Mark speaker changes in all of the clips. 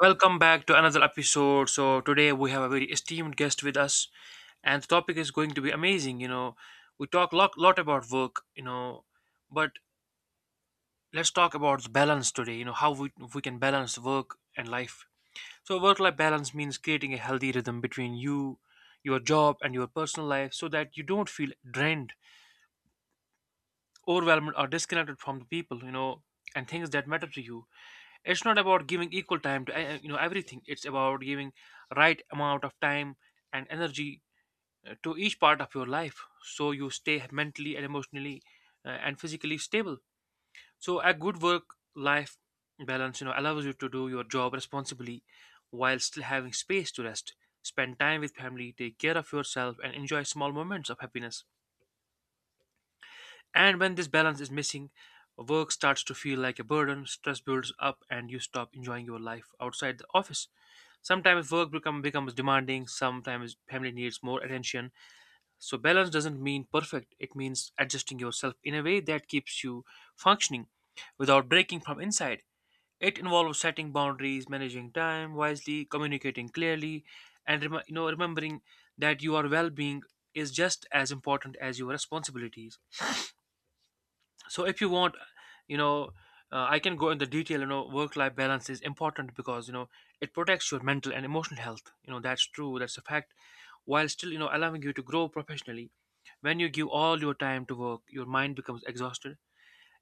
Speaker 1: Welcome back to another episode. So today we have a very esteemed guest with us, and the topic is going to be amazing. You know, we talk lot about work. You know, but let's talk about the balance today. You know, how we can balance work and life. So work life balance means creating a healthy rhythm between you, your job, and your personal life, so that you don't feel drained, overwhelmed, or disconnected from the people, you know, and things that matter to you. It's not about giving equal time to you know everything, it's about giving right amount of time and energy to each part of your life, so you stay mentally and emotionally and physically stable. So a good work life balance, you know, allows you to do your job responsibly while still having space to rest, spend time with family, take care of yourself, and enjoy small moments of happiness. And when this balance is missing, work starts to feel like a burden, stress builds up, and you stop enjoying your life outside the office. Sometimes becomes demanding, sometimes family needs more attention. So, balance doesn't mean perfect, it means adjusting yourself in a way that keeps you functioning without breaking from inside. It involves setting boundaries, managing time wisely, communicating clearly, and remembering that your well being is just as important as your responsibilities. So if you want, you know, I can go in the detail. You know, work life balance is important because, you know, it protects your mental and emotional health. You know, that's true, that's a fact, while still, you know, allowing you to grow professionally. When you give all your time to work, your mind becomes exhausted,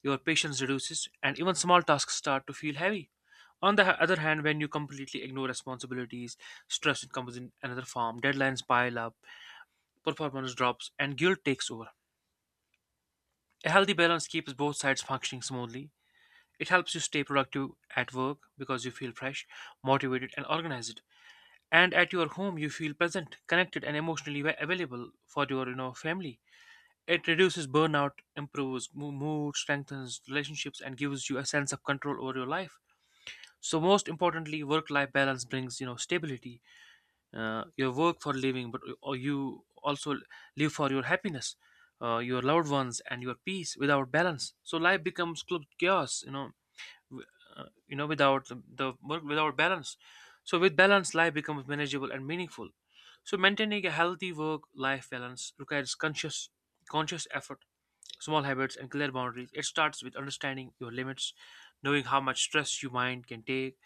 Speaker 1: your patience reduces, and even small tasks start to feel heavy. On the other hand, when you completely ignore responsibilities, stress comes in another form, deadlines pile up, performance drops, and guilt takes over. A healthy balance keeps both sides functioning smoothly. It helps you stay productive at work because you feel fresh, motivated, and organized. And at your home, you feel present, connected, and emotionally available for your, you know, family. It reduces burnout, improves mood, strengthens relationships, and gives you a sense of control over your life. So most importantly, work-life balance brings, you know, stability. You work for living, but or you also live for your happiness, your loved ones, and your peace. Without balance, so life becomes club chaos. You know, w- you know, without the work without balance, so with balance life becomes manageable and meaningful. So maintaining a healthy work life balance requires conscious effort, small habits, and clear boundaries. It starts with understanding your limits, knowing how much stress your mind can take,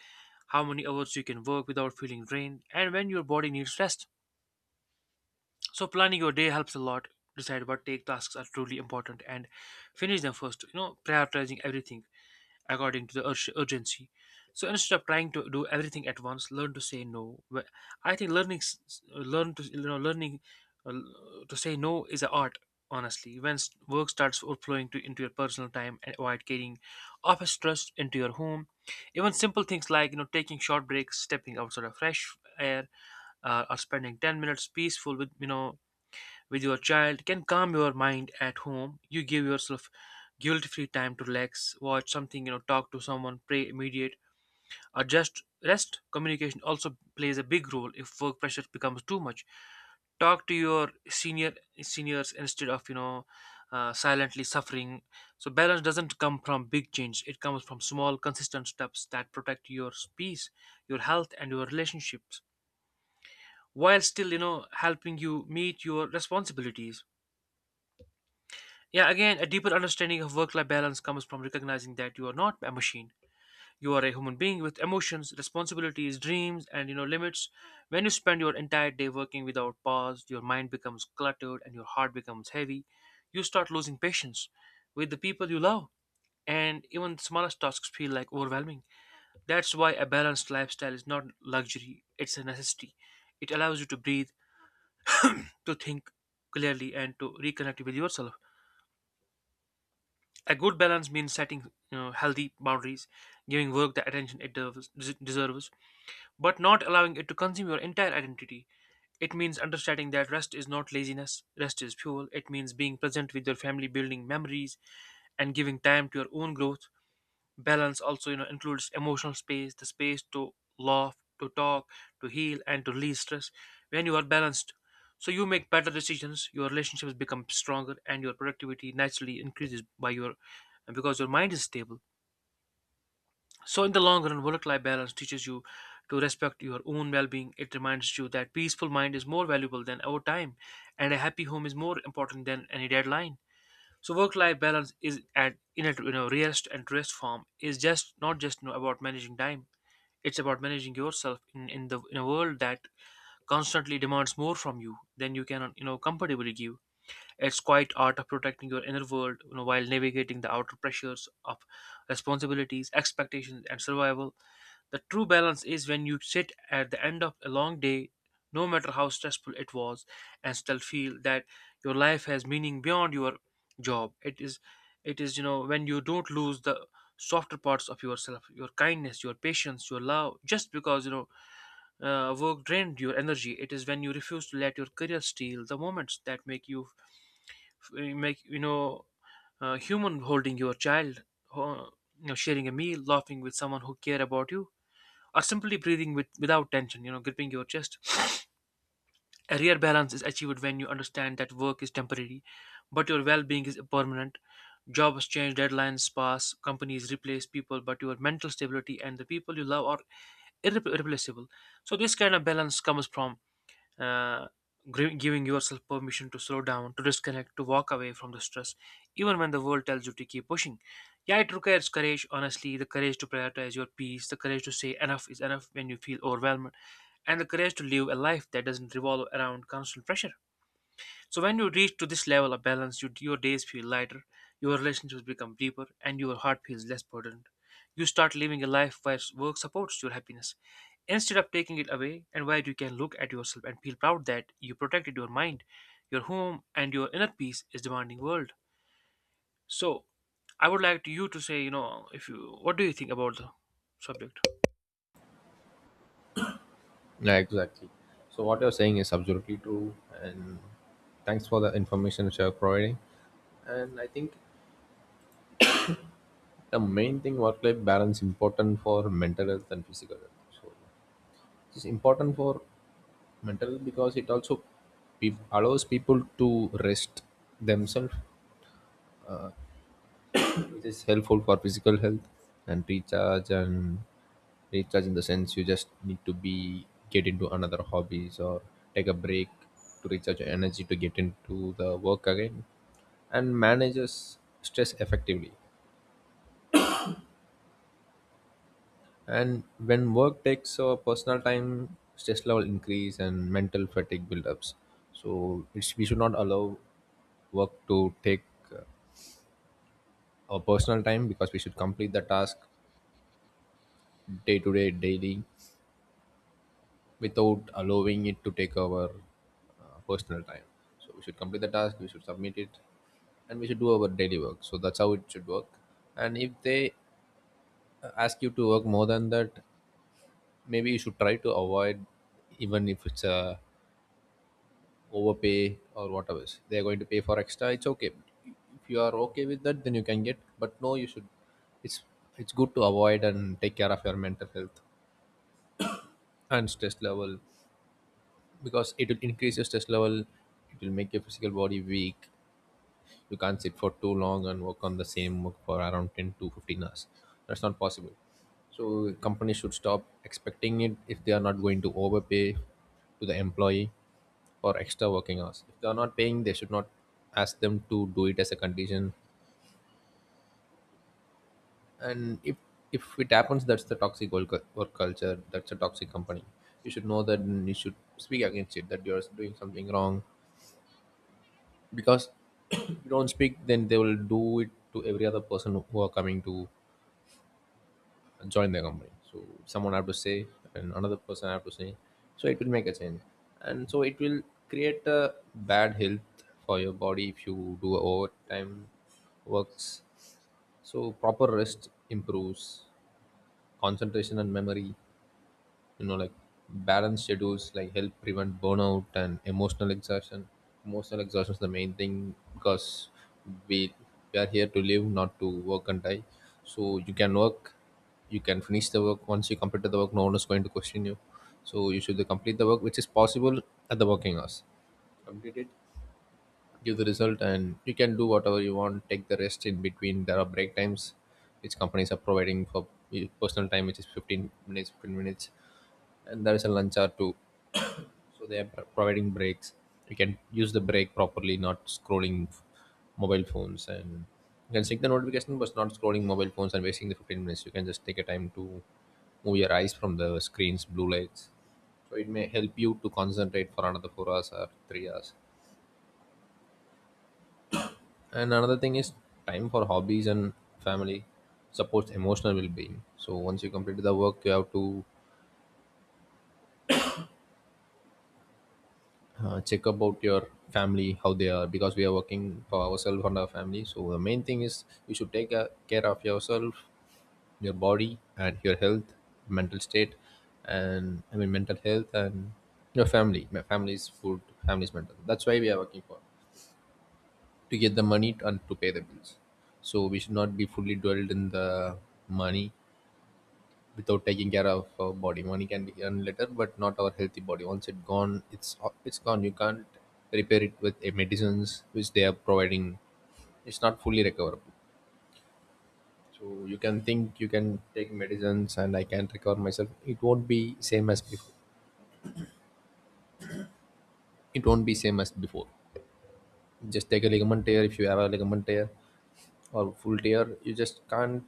Speaker 1: how many hours you can work without feeling drained, and when your body needs rest. So planning your day helps a lot. Decide what take tasks are truly important and finish them first, you know, prioritizing everything according to the urgency. So instead of trying to do everything at once, learn to say no. I think learn to, you know, to say no is an art. Honestly, when work starts overflowing into your personal time, and avoid carrying office stress into your home. Even simple things like, you know, taking short breaks, stepping outside of fresh air, or spending 10 minutes peaceful with, you know, with your child can calm your mind at home. You give yourself guilt-free time to relax, watch something, you know, talk to someone, pray, mediate, or just rest. Communication also plays a big role if work pressure becomes too much. Talk to your seniors instead of, you know, silently suffering. So balance doesn't come from big change. It comes from small, consistent steps that protect your peace, your health, and your relationships while still, you know, helping you meet your responsibilities. Yeah, again, a deeper understanding of work life balance comes from recognizing that you are not a machine. You are a human being with emotions, responsibilities, dreams, and, you know, limits. When you spend your entire day working without pause, your mind becomes cluttered and your heart becomes heavy. You start losing patience with the people you love, and even the smallest tasks feel like overwhelming. That's why a balanced lifestyle is not luxury, it's a necessity. It allows you to breathe, to think clearly, and to reconnect with yourself. A good balance means setting, you know, healthy boundaries, giving work the attention it deserves, but not allowing it to consume your entire identity. It means understanding that rest is not laziness, rest is fuel. It means being present with your family, building memories, and giving time to your own growth. Balance also, you know, includes emotional space, the space to laugh, to talk, to heal, and to release stress. When you are balanced, so you make better decisions, your relationships become stronger, and your productivity naturally increases by your because your mind is stable. So in the long run, work-life balance teaches you to respect your own well-being. It reminds you that peaceful mind is more valuable than our time, and a happy home is more important than any deadline. So work-life balance is at in a, you know, rarest and truest form is just not just, you know, about managing time. It's about managing yourself in a world that constantly demands more from you than you can, you know, comfortably give. It's quite art of protecting your inner world, you know, while navigating the outer pressures of responsibilities, expectations, and survival. The true balance is when you sit at the end of a long day, no matter how stressful it was, and still feel that your life has meaning beyond your job. You know, when you don't lose the softer parts of yourself, your kindness, your patience, your love, just because, you know, work drained your energy. It is when you refuse to let your career steal the moments that make, you know, human, holding your child, uh, you know, sharing a meal, laughing with someone who care about you, or simply breathing without tension, you know, gripping your chest. A rare balance is achieved when you understand that work is temporary, but your well being is permanent. Jobs change, deadlines pass, companies replace people, but your mental stability and the people you love are irreplaceable. So, this kind of balance comes from uh, giving yourself permission to slow down, to disconnect, to walk away from the stress, even when the world tells you to keep pushing. Yeah, it requires courage, honestly, the courage to prioritize your peace, the courage to say enough is enough when you feel overwhelmed, and the courage to live a life that doesn't revolve around constant pressure. So when you reach to this level of balance, your days feel lighter, your relationships become deeper, and your heart feels less burdened. You start living a life where work supports your happiness instead of taking it away, and where you can look at yourself and feel proud that you protected your mind, your home, and your inner peace is demanding world. So, I would like to you to say, you know, if you, what do you think about the subject?
Speaker 2: Yeah, exactly. So what you're saying is absolutely true, and thanks for the information which you're providing. And I think the main thing, work-life balance important for mental health and physical health. So it's important for mental health because
Speaker 1: Let
Speaker 2: it
Speaker 1: me check
Speaker 2: also
Speaker 1: the. Let's check the
Speaker 2: allows
Speaker 1: first.
Speaker 2: people to rest themselves. uh, It is helpful for physical health and recharge, and recharge in the sense you just need to be get into another hobbies or take a break to recharge your energy to get into the work again and manages stress effectively. And when work takes over personal time, stress level increase and mental fatigue buildups. So it's, we should not allow work to take uh, our personal time, because we should complete the task day to day daily without allowing it to take our personal time. So we should complete the task, we should submit it, and we should do our daily work. So that's how it should work. And if they ask you to work more than that, maybe you should try to avoid, even if it's a overpay or whatever. They are going to pay for extra. It's okay. If you are okay with that, then you can get. But no, you should. It's it's good to avoid and take care of your mental health and stress level, because it will increase your stress level, it will make your physical body weak. You can't sit for too long and work on the same work for around 10 to 15 hours. That's not possible. So companies should stop expecting it if they are not going to overpay to the employee for extra working hours. If they are not paying, they should not ask them to do it as a condition. And if it happens, that's the toxic work culture, that's a toxic company. You should know that and you should speak against it, that you're doing something wrong. Because if you don't speak, then they will do it to every other person who are coming to join their company. So someone have to say and another person have to say, so it will make a change. And so it will create a bad health for your body if you do overtime works. So proper rest improves concentration and memory, you know, like balanced schedules like help prevent burnout and emotional exhaustion. Emotional exhaustion is the main thing, because we we are here to live, not to work and die. So you can work, you can finish the work. Once you complete the work, no one is going to question you. So you should complete the work which is possible at the working hours, give the result, and you can do whatever you want, take the rest in between. There are break times which companies are providing for personal time, which is 15 minutes, 15 minutes. And there is a lunch hour too. So they are providing breaks. You can use the break properly, not scrolling mobile phones. And you can check the notification, but not scrolling mobile phones and wasting the 15 minutes. You can just take a time to move your eyes from the screens blue lights, so it may help you to concentrate for another 4 hours or 3 hours. And another thing is time for hobbies and family supports emotional well-being. So once you complete the work, you have to check about your family, how they are, because we are working for ourselves and our family. So the main thing is you should take care of yourself, your body and your health, mental state, and I mean mental health, and your family, my family's food, family's mental. That's why we are working for, to get the money and to pay the bills. So we should not be fully dwelled in the money without taking care of our body. Money can be earned later, but not our healthy body. Once it's gone, it's gone. You can't repair it with medicines which they are providing. It's not fully recoverable. So you can think, you can take medicines and I can recover myself. It won't be same as before. It won't be same as before. Just take a ligament tear. If you have a ligament tear or full tear, you just can't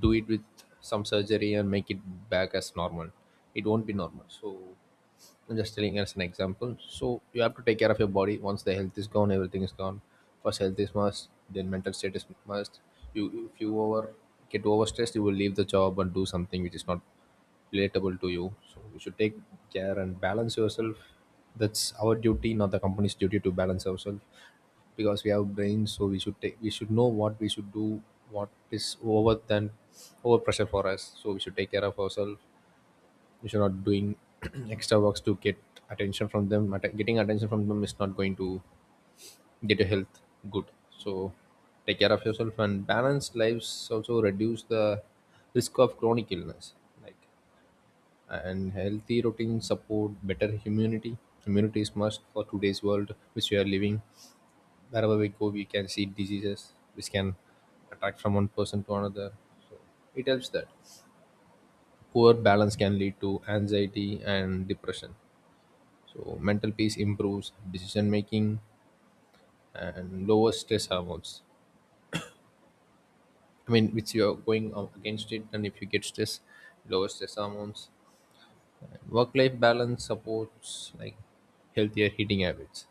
Speaker 2: do it with some surgery and make it back as normal. It won't be normal. So I'm just telling as an example. So you have to take care of your body. Once the health is gone, everything is gone. First, health is must. Then mental state is must. You, if you over get overstressed, you will leave the job and do something which is not relatable to you. So you should take care and balance yourself. That's our duty, not the company's duty to balance ourselves, because we have brains. So we should take, we should know what we should do, what is over than over pressure for us. So we should take care of ourselves. If you're not doing extra works to get attention from them, getting attention from them is not going to get your health good. So take care of yourself. And balanced lives also reduce the risk of chronic illness, like, and healthy routines support better immunity. Immunity is must for today's world which we are living. Wherever we go, we can see diseases which can attack from one person to another. So it helps that poor balance can lead to anxiety and depression. So mental peace improves decision making and lowers stress hormones. I mean, which you are going against it, and if you get stress, lower stress hormones. Work life balance supports like healthier eating habits.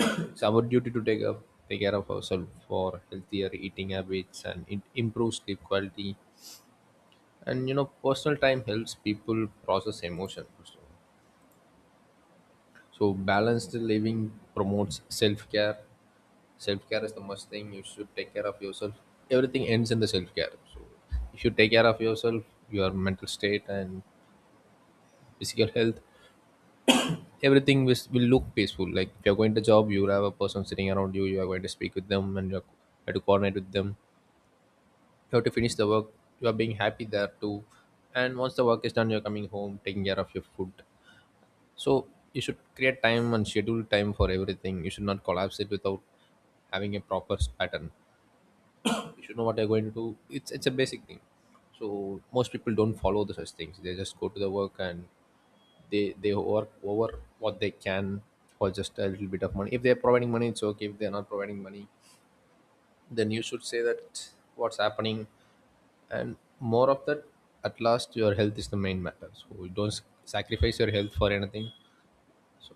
Speaker 2: It's our duty to take up, take care of ourselves for healthier eating habits, and it improves sleep quality. And you know, personal time helps people process emotions. So balanced living promotes self care. Self-care is the must thing. You should take care of yourself. Everything ends in the self-care. So if you take care of yourself, your mental state and physical health, everything will look peaceful. Like if you're going to job, you have a person sitting around you, you are going to speak with them, and you have to coordinate with them, you have to finish the work, you are being happy there too. And once the work is done, you're coming home, taking care of your food. So you should create time and schedule time for everything. You should not collapse it without having a proper pattern. You should know what you're going to do. It's a basic thing. So most people don't follow the such things. They just go to the work, and they work over what they can for just a little bit of money. If they're providing money, it's okay. If they're not providing money, then you should say that, what's happening. And more of that, at last your health is the main matter. So you don't sacrifice your health for anything. So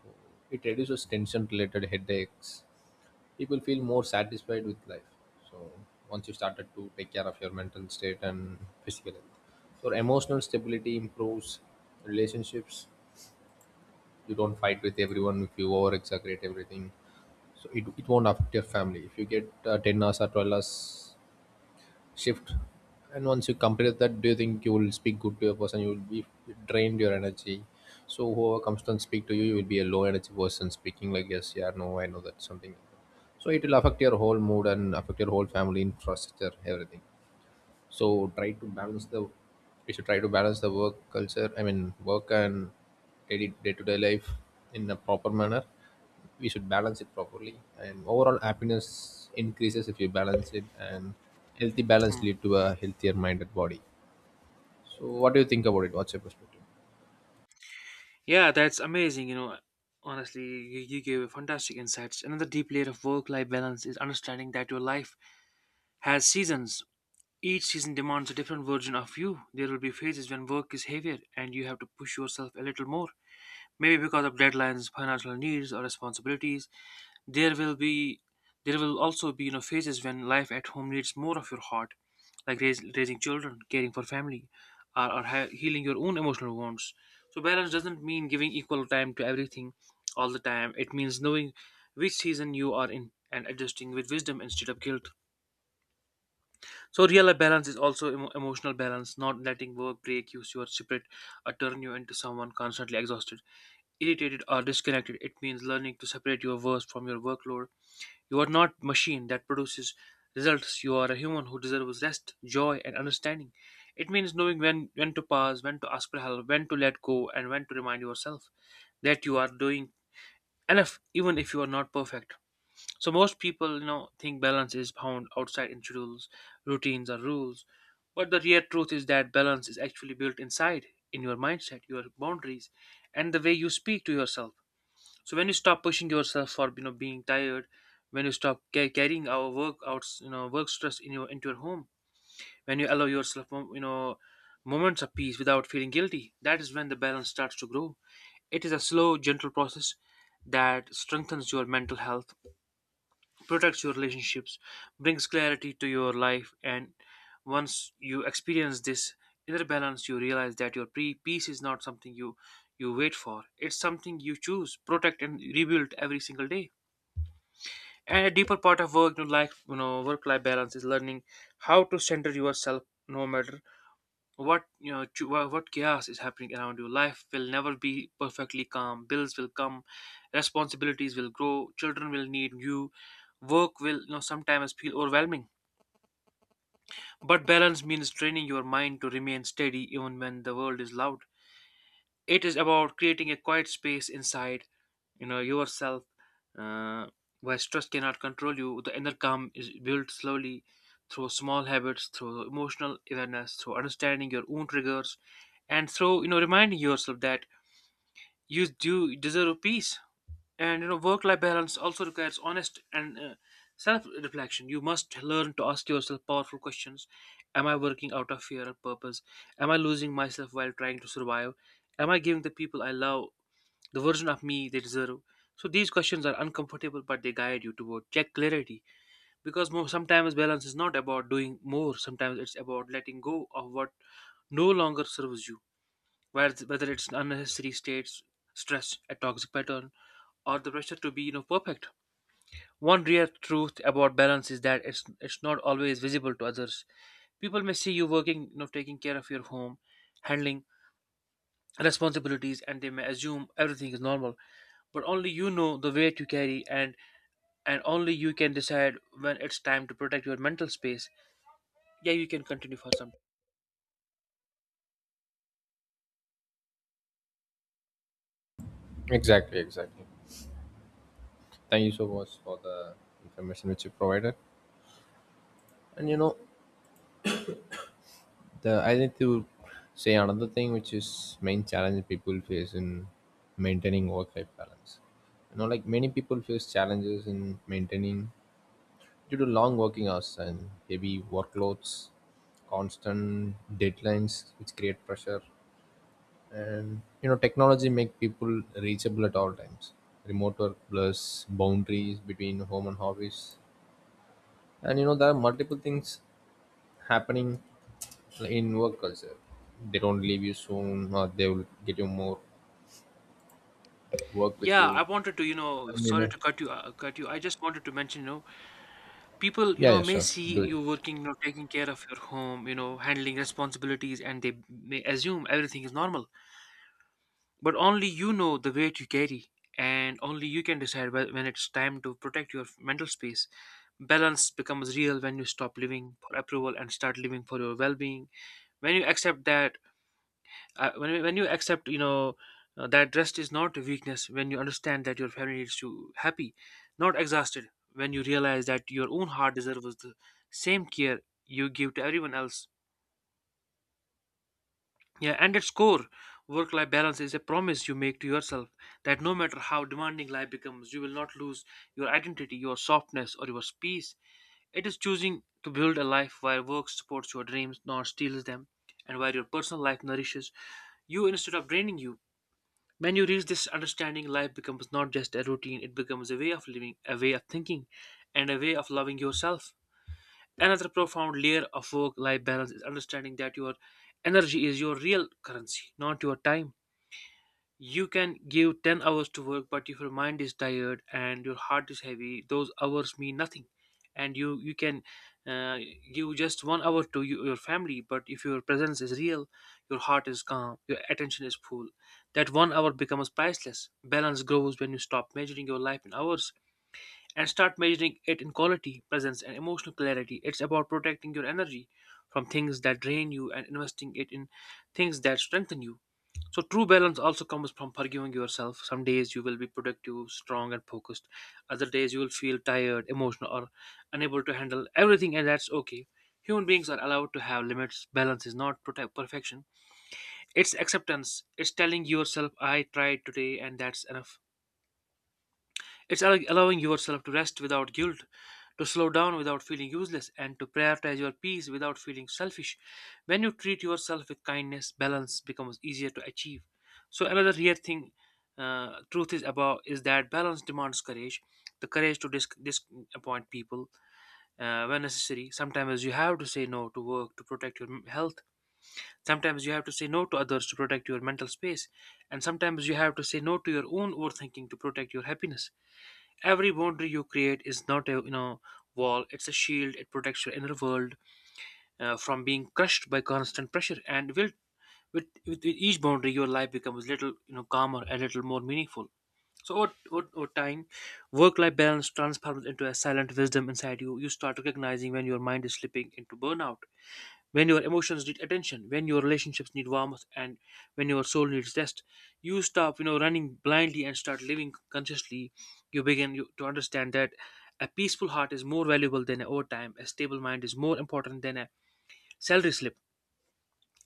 Speaker 2: it reduces tension related headaches, people feel more satisfied with life. So once you started to take care of your mental state and physical health, so emotional stability improves relationships. You don't fight with everyone if you over exaggerate everything. So it won't affect your family. If you get 10 hours or 12 hours shift, and once you complete that, do you think you will speak good to a person? You will be drained your energy. So whoever comes and speak to you, you will be a low energy person, speaking like, yes, yeah, no, I know that, something like that. So it will affect your whole mood and affect your whole family infrastructure, everything. So try to balance the, we should try to balance the work culture, I mean work and day to day life in a proper manner. We should balance it properly, and overall happiness increases if you balance it. And healthy balance lead to a healthier minded body. So what do you think about it? What's your perspective?
Speaker 1: Yeah, that's amazing. You know, honestly, you gave fantastic insights. Another deep layer of work life balance is understanding that your life has seasons. Each season demands a different version of you. There will be phases when work is heavier and you have to push yourself a little more, maybe because of deadlines, financial needs, or responsibilities. there will be there will also be, you know, phases when life at home needs more of your heart, like raising children, caring for family, or healing your own emotional wounds. So balance doesn't mean giving equal time to everything all the time, it means knowing which season you are in and adjusting with wisdom instead of guilt. So real life balance is also emotional balance, not letting work break you your spirit or turn you into someone constantly exhausted, irritated, or disconnected. It means learning to separate your worth from your workload. You are not machine that produces results. You are a human who deserves rest, joy, and understanding. It means knowing when to pause, when to ask for help, when to let go, and when to remind yourself that you are doing enough, even if you are not perfect. So most people, you know, think balance is found outside in schedules, routines, or rules. But the real truth is that balance is actually built inside, in your mindset, your boundaries, and the way you speak to yourself. So when you stop pushing yourself for being tired, when you stop carrying our work out, work stress in your into your home, when you allow yourself moments of peace without feeling guilty, that is when the balance starts to grow. It is a slow, gentle process that strengthens your mental health, protects your relationships, brings clarity to your life. And once you experience this inner balance, you realize that your peace is not something you wait for. It's something you choose, protect, and rebuild every single day. And a deeper part of work, work life balance is learning how to center yourself no matter what, what chaos is happening around you. Life will never be perfectly calm. Bills will come, responsibilities will grow, children will need you, work will sometimes feel overwhelming. But balance means training your mind to remain steady even when the world is loud. It is about creating a quiet space inside yourself, uh, where stress cannot control you. The inner calm is built slowly, through small habits, through emotional awareness, through understanding your own triggers, and through reminding yourself that you do deserve peace. And work life balance also requires honest and self reflection. You must learn to ask yourself powerful questions. Am I working out of fear or purpose? Am I losing myself while trying to survive? Am I giving the people I love the version of me they deserve? So these questions are uncomfortable, but they guide you toward check clarity, because sometimes balance is not about doing more. Sometimes it's about letting go of what no longer serves you, whether it's unnecessary states, stress, a toxic pattern, or the pressure to be perfect. One rare truth about balance is that it's not always visible to others. People may see you working, you know, taking care of your home, handling responsibilities, and they may assume everything is normal. But only you know the weight you carry, and only you can decide when it's time to protect your mental space. Yeah, you can continue for some.
Speaker 2: Exactly, exactly. Thank you so much for the information which you provided. And you know, the, I need to say another thing, which is, main challenge people face in maintaining work life balance. You know, like many people face challenges in maintaining, due to long working hours and heavy workloads, constant deadlines which create pressure, and you know, technology make people reachable at all times. Remote work plus boundaries between home and hobbies, and you know there are multiple things happening in work culture. They don't leave you soon, or they will get you more work with
Speaker 1: Yeah,
Speaker 2: you,
Speaker 1: I wanted to, you know,
Speaker 2: and you
Speaker 1: sorry
Speaker 2: know.
Speaker 1: to cut you, cut you. I just wanted to mention, you know, people,
Speaker 2: Yeah, yeah,
Speaker 1: may
Speaker 2: sure.
Speaker 1: see
Speaker 2: Do it.
Speaker 1: you working, taking care of your home, handling responsibilities, and they may assume everything is normal. But only you know the weight you carry, and only you can decide when it's time to protect your mental space. Balance becomes real when you stop living for approval and start living for your well-being. When you accept that, when you accept, that rest is not a weakness, when you understand that your family needs you happy, not exhausted, when you realize that your own heart deserves the same care you give to everyone else. Yeah, and its core, work life balance is a promise you make to yourself that no matter how demanding life becomes, you will not lose your identity, your softness, or your peace. It is choosing to build a life where work supports your dreams, not steals them, and where your personal life nourishes you instead of draining you. When you reach this understanding, life becomes not just a routine. It becomes a way of living, a way of thinking, and a way of loving yourself. Another profound layer of work life balance is understanding that your energy is your real currency, not your time. You can give 10 hours to work, but if your mind is tired and your heart is heavy, those hours mean nothing. And you can uh, give just 1 hour to you, your family, but if your presence is real, your heart is calm, your attention is full, that 1 hour becomes priceless. Balance grows when you stop measuring your life in hours and start measuring it in quality, presence, and emotional clarity. It's about protecting your energy from things that drain you and investing it in things that strengthen you. So true balance also comes from forgiving yourself. Some days you will be productive, strong, and focused. Other days you will feel tired, emotional, or unable to handle everything, and that's okay. Human beings are allowed to have limits. Balance is not protect perfection. It's acceptance. It's telling yourself I tried today and that's enough. It's allowing yourself to rest without guilt, to slow down without feeling useless, and to prioritize your peace without feeling selfish. When you treat yourself with kindness, balance becomes easier to achieve. So another real thing, truth is about is that balance demands courage, the courage to disappoint people when necessary. Sometimes you have to say no to work to protect your health. Sometimes you have to say no to others to protect your mental space, and sometimes you have to say no to your own overthinking to protect your happiness. Every boundary you create is not a, wall. It's a shield. It protects your inner world, from being crushed by constant pressure. And will, with each boundary, your life becomes little, calmer and little more meaningful. So over time, work life balance transforms into a silent wisdom inside you. You start recognizing when your mind is slipping into burnout, when your emotions need attention, when your relationships need warmth, and when your soul needs rest. You stop, you know, running blindly and start living consciously. You begin to understand that a peaceful heart is more valuable than an overtime, a stable mind is more important than a salary slip,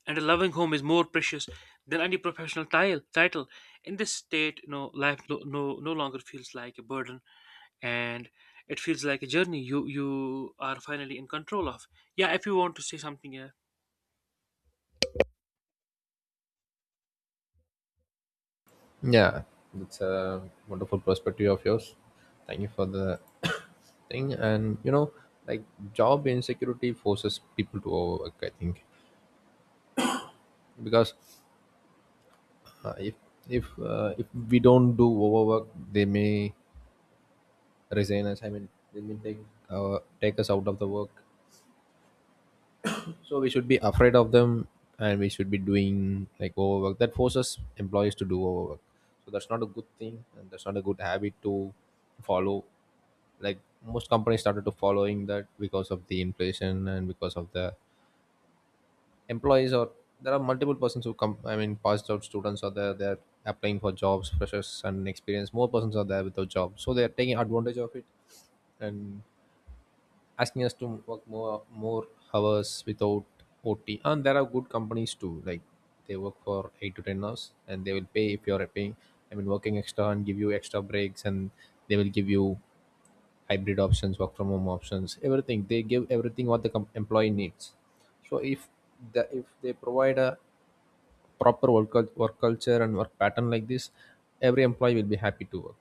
Speaker 1: and a loving home is more precious than any professional title. In this state, you know, life no longer feels like a burden, and it feels like a journey you are finally in control of. Yeah, if you want to say something, yeah.
Speaker 2: Yeah, that's a wonderful perspective of yours. Thank you for the thing. And you know, like, job insecurity forces people to overwork. I think because if if we don't do overwork, they may resign us. I mean, they may take take us out of the work. So we should be afraid of them, and we should be doing like overwork. That forces employees to do overwork. So that's not a good thing, and that's not a good habit to follow. Like, most companies started to following that because of the inflation and because of the employees, or there are multiple persons who come, I mean passed out students are there, they're applying for jobs, freshers and experienced, more persons are there without jobs, so they're taking advantage of it and asking us to work more hours without ot. And there are good companies too, like they work for 8 to 10 hours, and they will pay if you're paying, I mean working extra, and give you extra breaks, and they will give you hybrid options, work from home options, everything. They give everything what the employee needs. So if the if they provide a proper work culture and work pattern like this, every employee will be happy to work.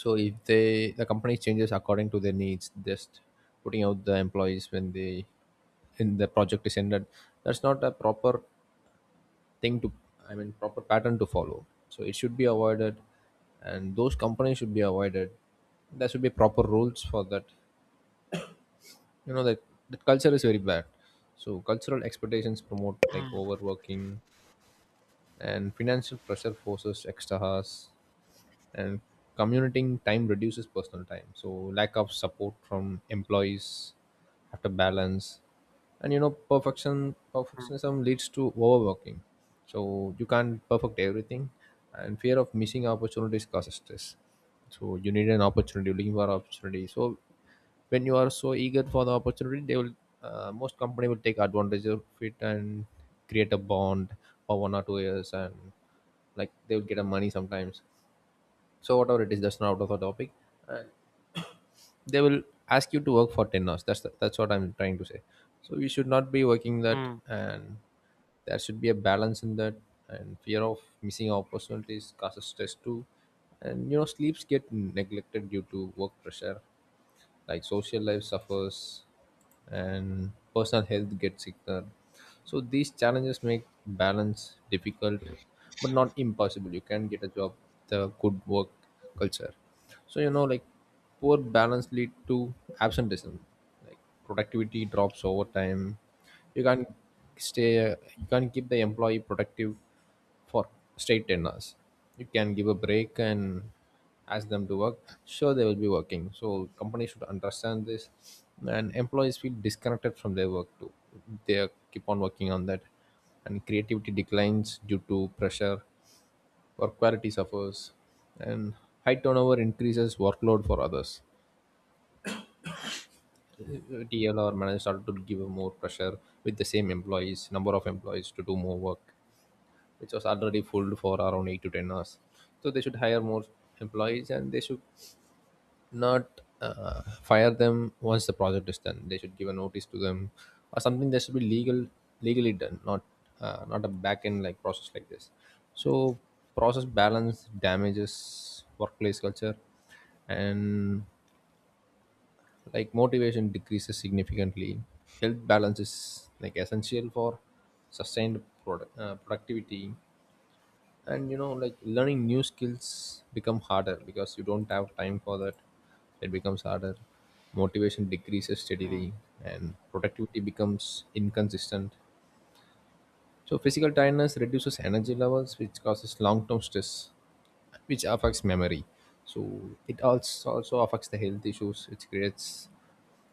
Speaker 2: So if the company changes according to their needs, just putting out the employees when they in the project is ended, that's not a proper thing to, I mean proper pattern to follow. So it should be avoided, and those companies should be avoided. There should be proper rules for that. You know, that that culture is very bad. So cultural expectations promote like
Speaker 1: Mm.
Speaker 2: overworking, and financial pressure forces extra hours, and commuting time reduces personal time, so lack of support from employees, have to balance. And you know, perfectionism leads to overworking, so you can't perfect everything. And fear of missing opportunities causes stress, so you need an opportunity, looking for opportunity. So when you are so eager for the opportunity, they will, most company will take advantage of it and create a bond for 1 or 2 years, and like they will get a money sometimes. So whatever it is, that's not out of the topic. And they will ask you to work for 10 hours. That's that's what I'm trying to say. So we should not be working that,
Speaker 1: Hmm.
Speaker 2: and there should be a balance in that. And fear of missing opportunities causes stress too. And you know, sleeps get neglected due to work pressure, like social life suffers and personal health gets sicker. So these challenges make balance difficult, but not impossible. You can get a job, the good work culture. So you know, like poor balance lead to absenteeism, like productivity drops over time. You can't stay, you can't keep the employee productive for straight 10 hours. You can give a break and ask them to work, sure they will be working. So companies should understand this. And employees feel disconnected from their work too, they keep on working on that. And creativity declines due to pressure, work quality suffers, and high turnover increases workload for others. TL or managers started to give more pressure with the same employees, number of employees, to do more work, which was already full for around 8 to 10 hours. So they should hire more employees, and they should not fire them once the project is done. They should give a notice to them or something, that should be legal, legally done, not not a back end like process like this. So process balance damages workplace culture, and like motivation decreases significantly. Health balance is like essential for sustained productivity. And you know, like learning new skills become harder because you don't have time for that, it becomes harder. Motivation decreases
Speaker 1: Hmm.
Speaker 2: steadily and productivity becomes inconsistent. So physical tiredness reduces energy levels, which causes long-term stress, which affects memory. So it also affects the health issues it creates,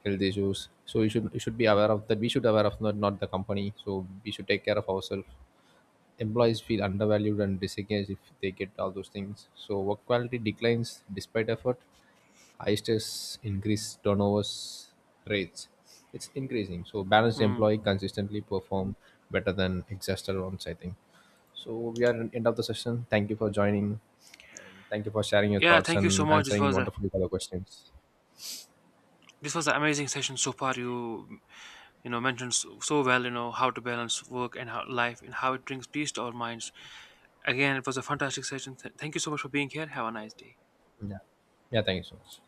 Speaker 2: health issues. So you should, you should be aware of that. We should aware of, not the company, so we should take care of ourselves. Employees feel undervalued and disengaged if they get all those things. So work quality declines despite effort. High stress increase turnovers rates. It's increasing. So balanced
Speaker 1: Mm.
Speaker 2: employee consistently perform better than exhausted ones, I think. So we are at end of the session. Thank you for joining, and thank you for sharing your
Speaker 1: Yeah,
Speaker 2: thoughts
Speaker 1: thank you so
Speaker 2: and
Speaker 1: much.
Speaker 2: answering wonderfully for the questions.
Speaker 1: This was an amazing session so far. You know mentioned so well, you know, how to balance work and how, life, and how it brings peace to our minds. Again, it was a fantastic session. Thank you so much for being here. Have a nice day.
Speaker 2: Yeah. Yeah, thank you so much.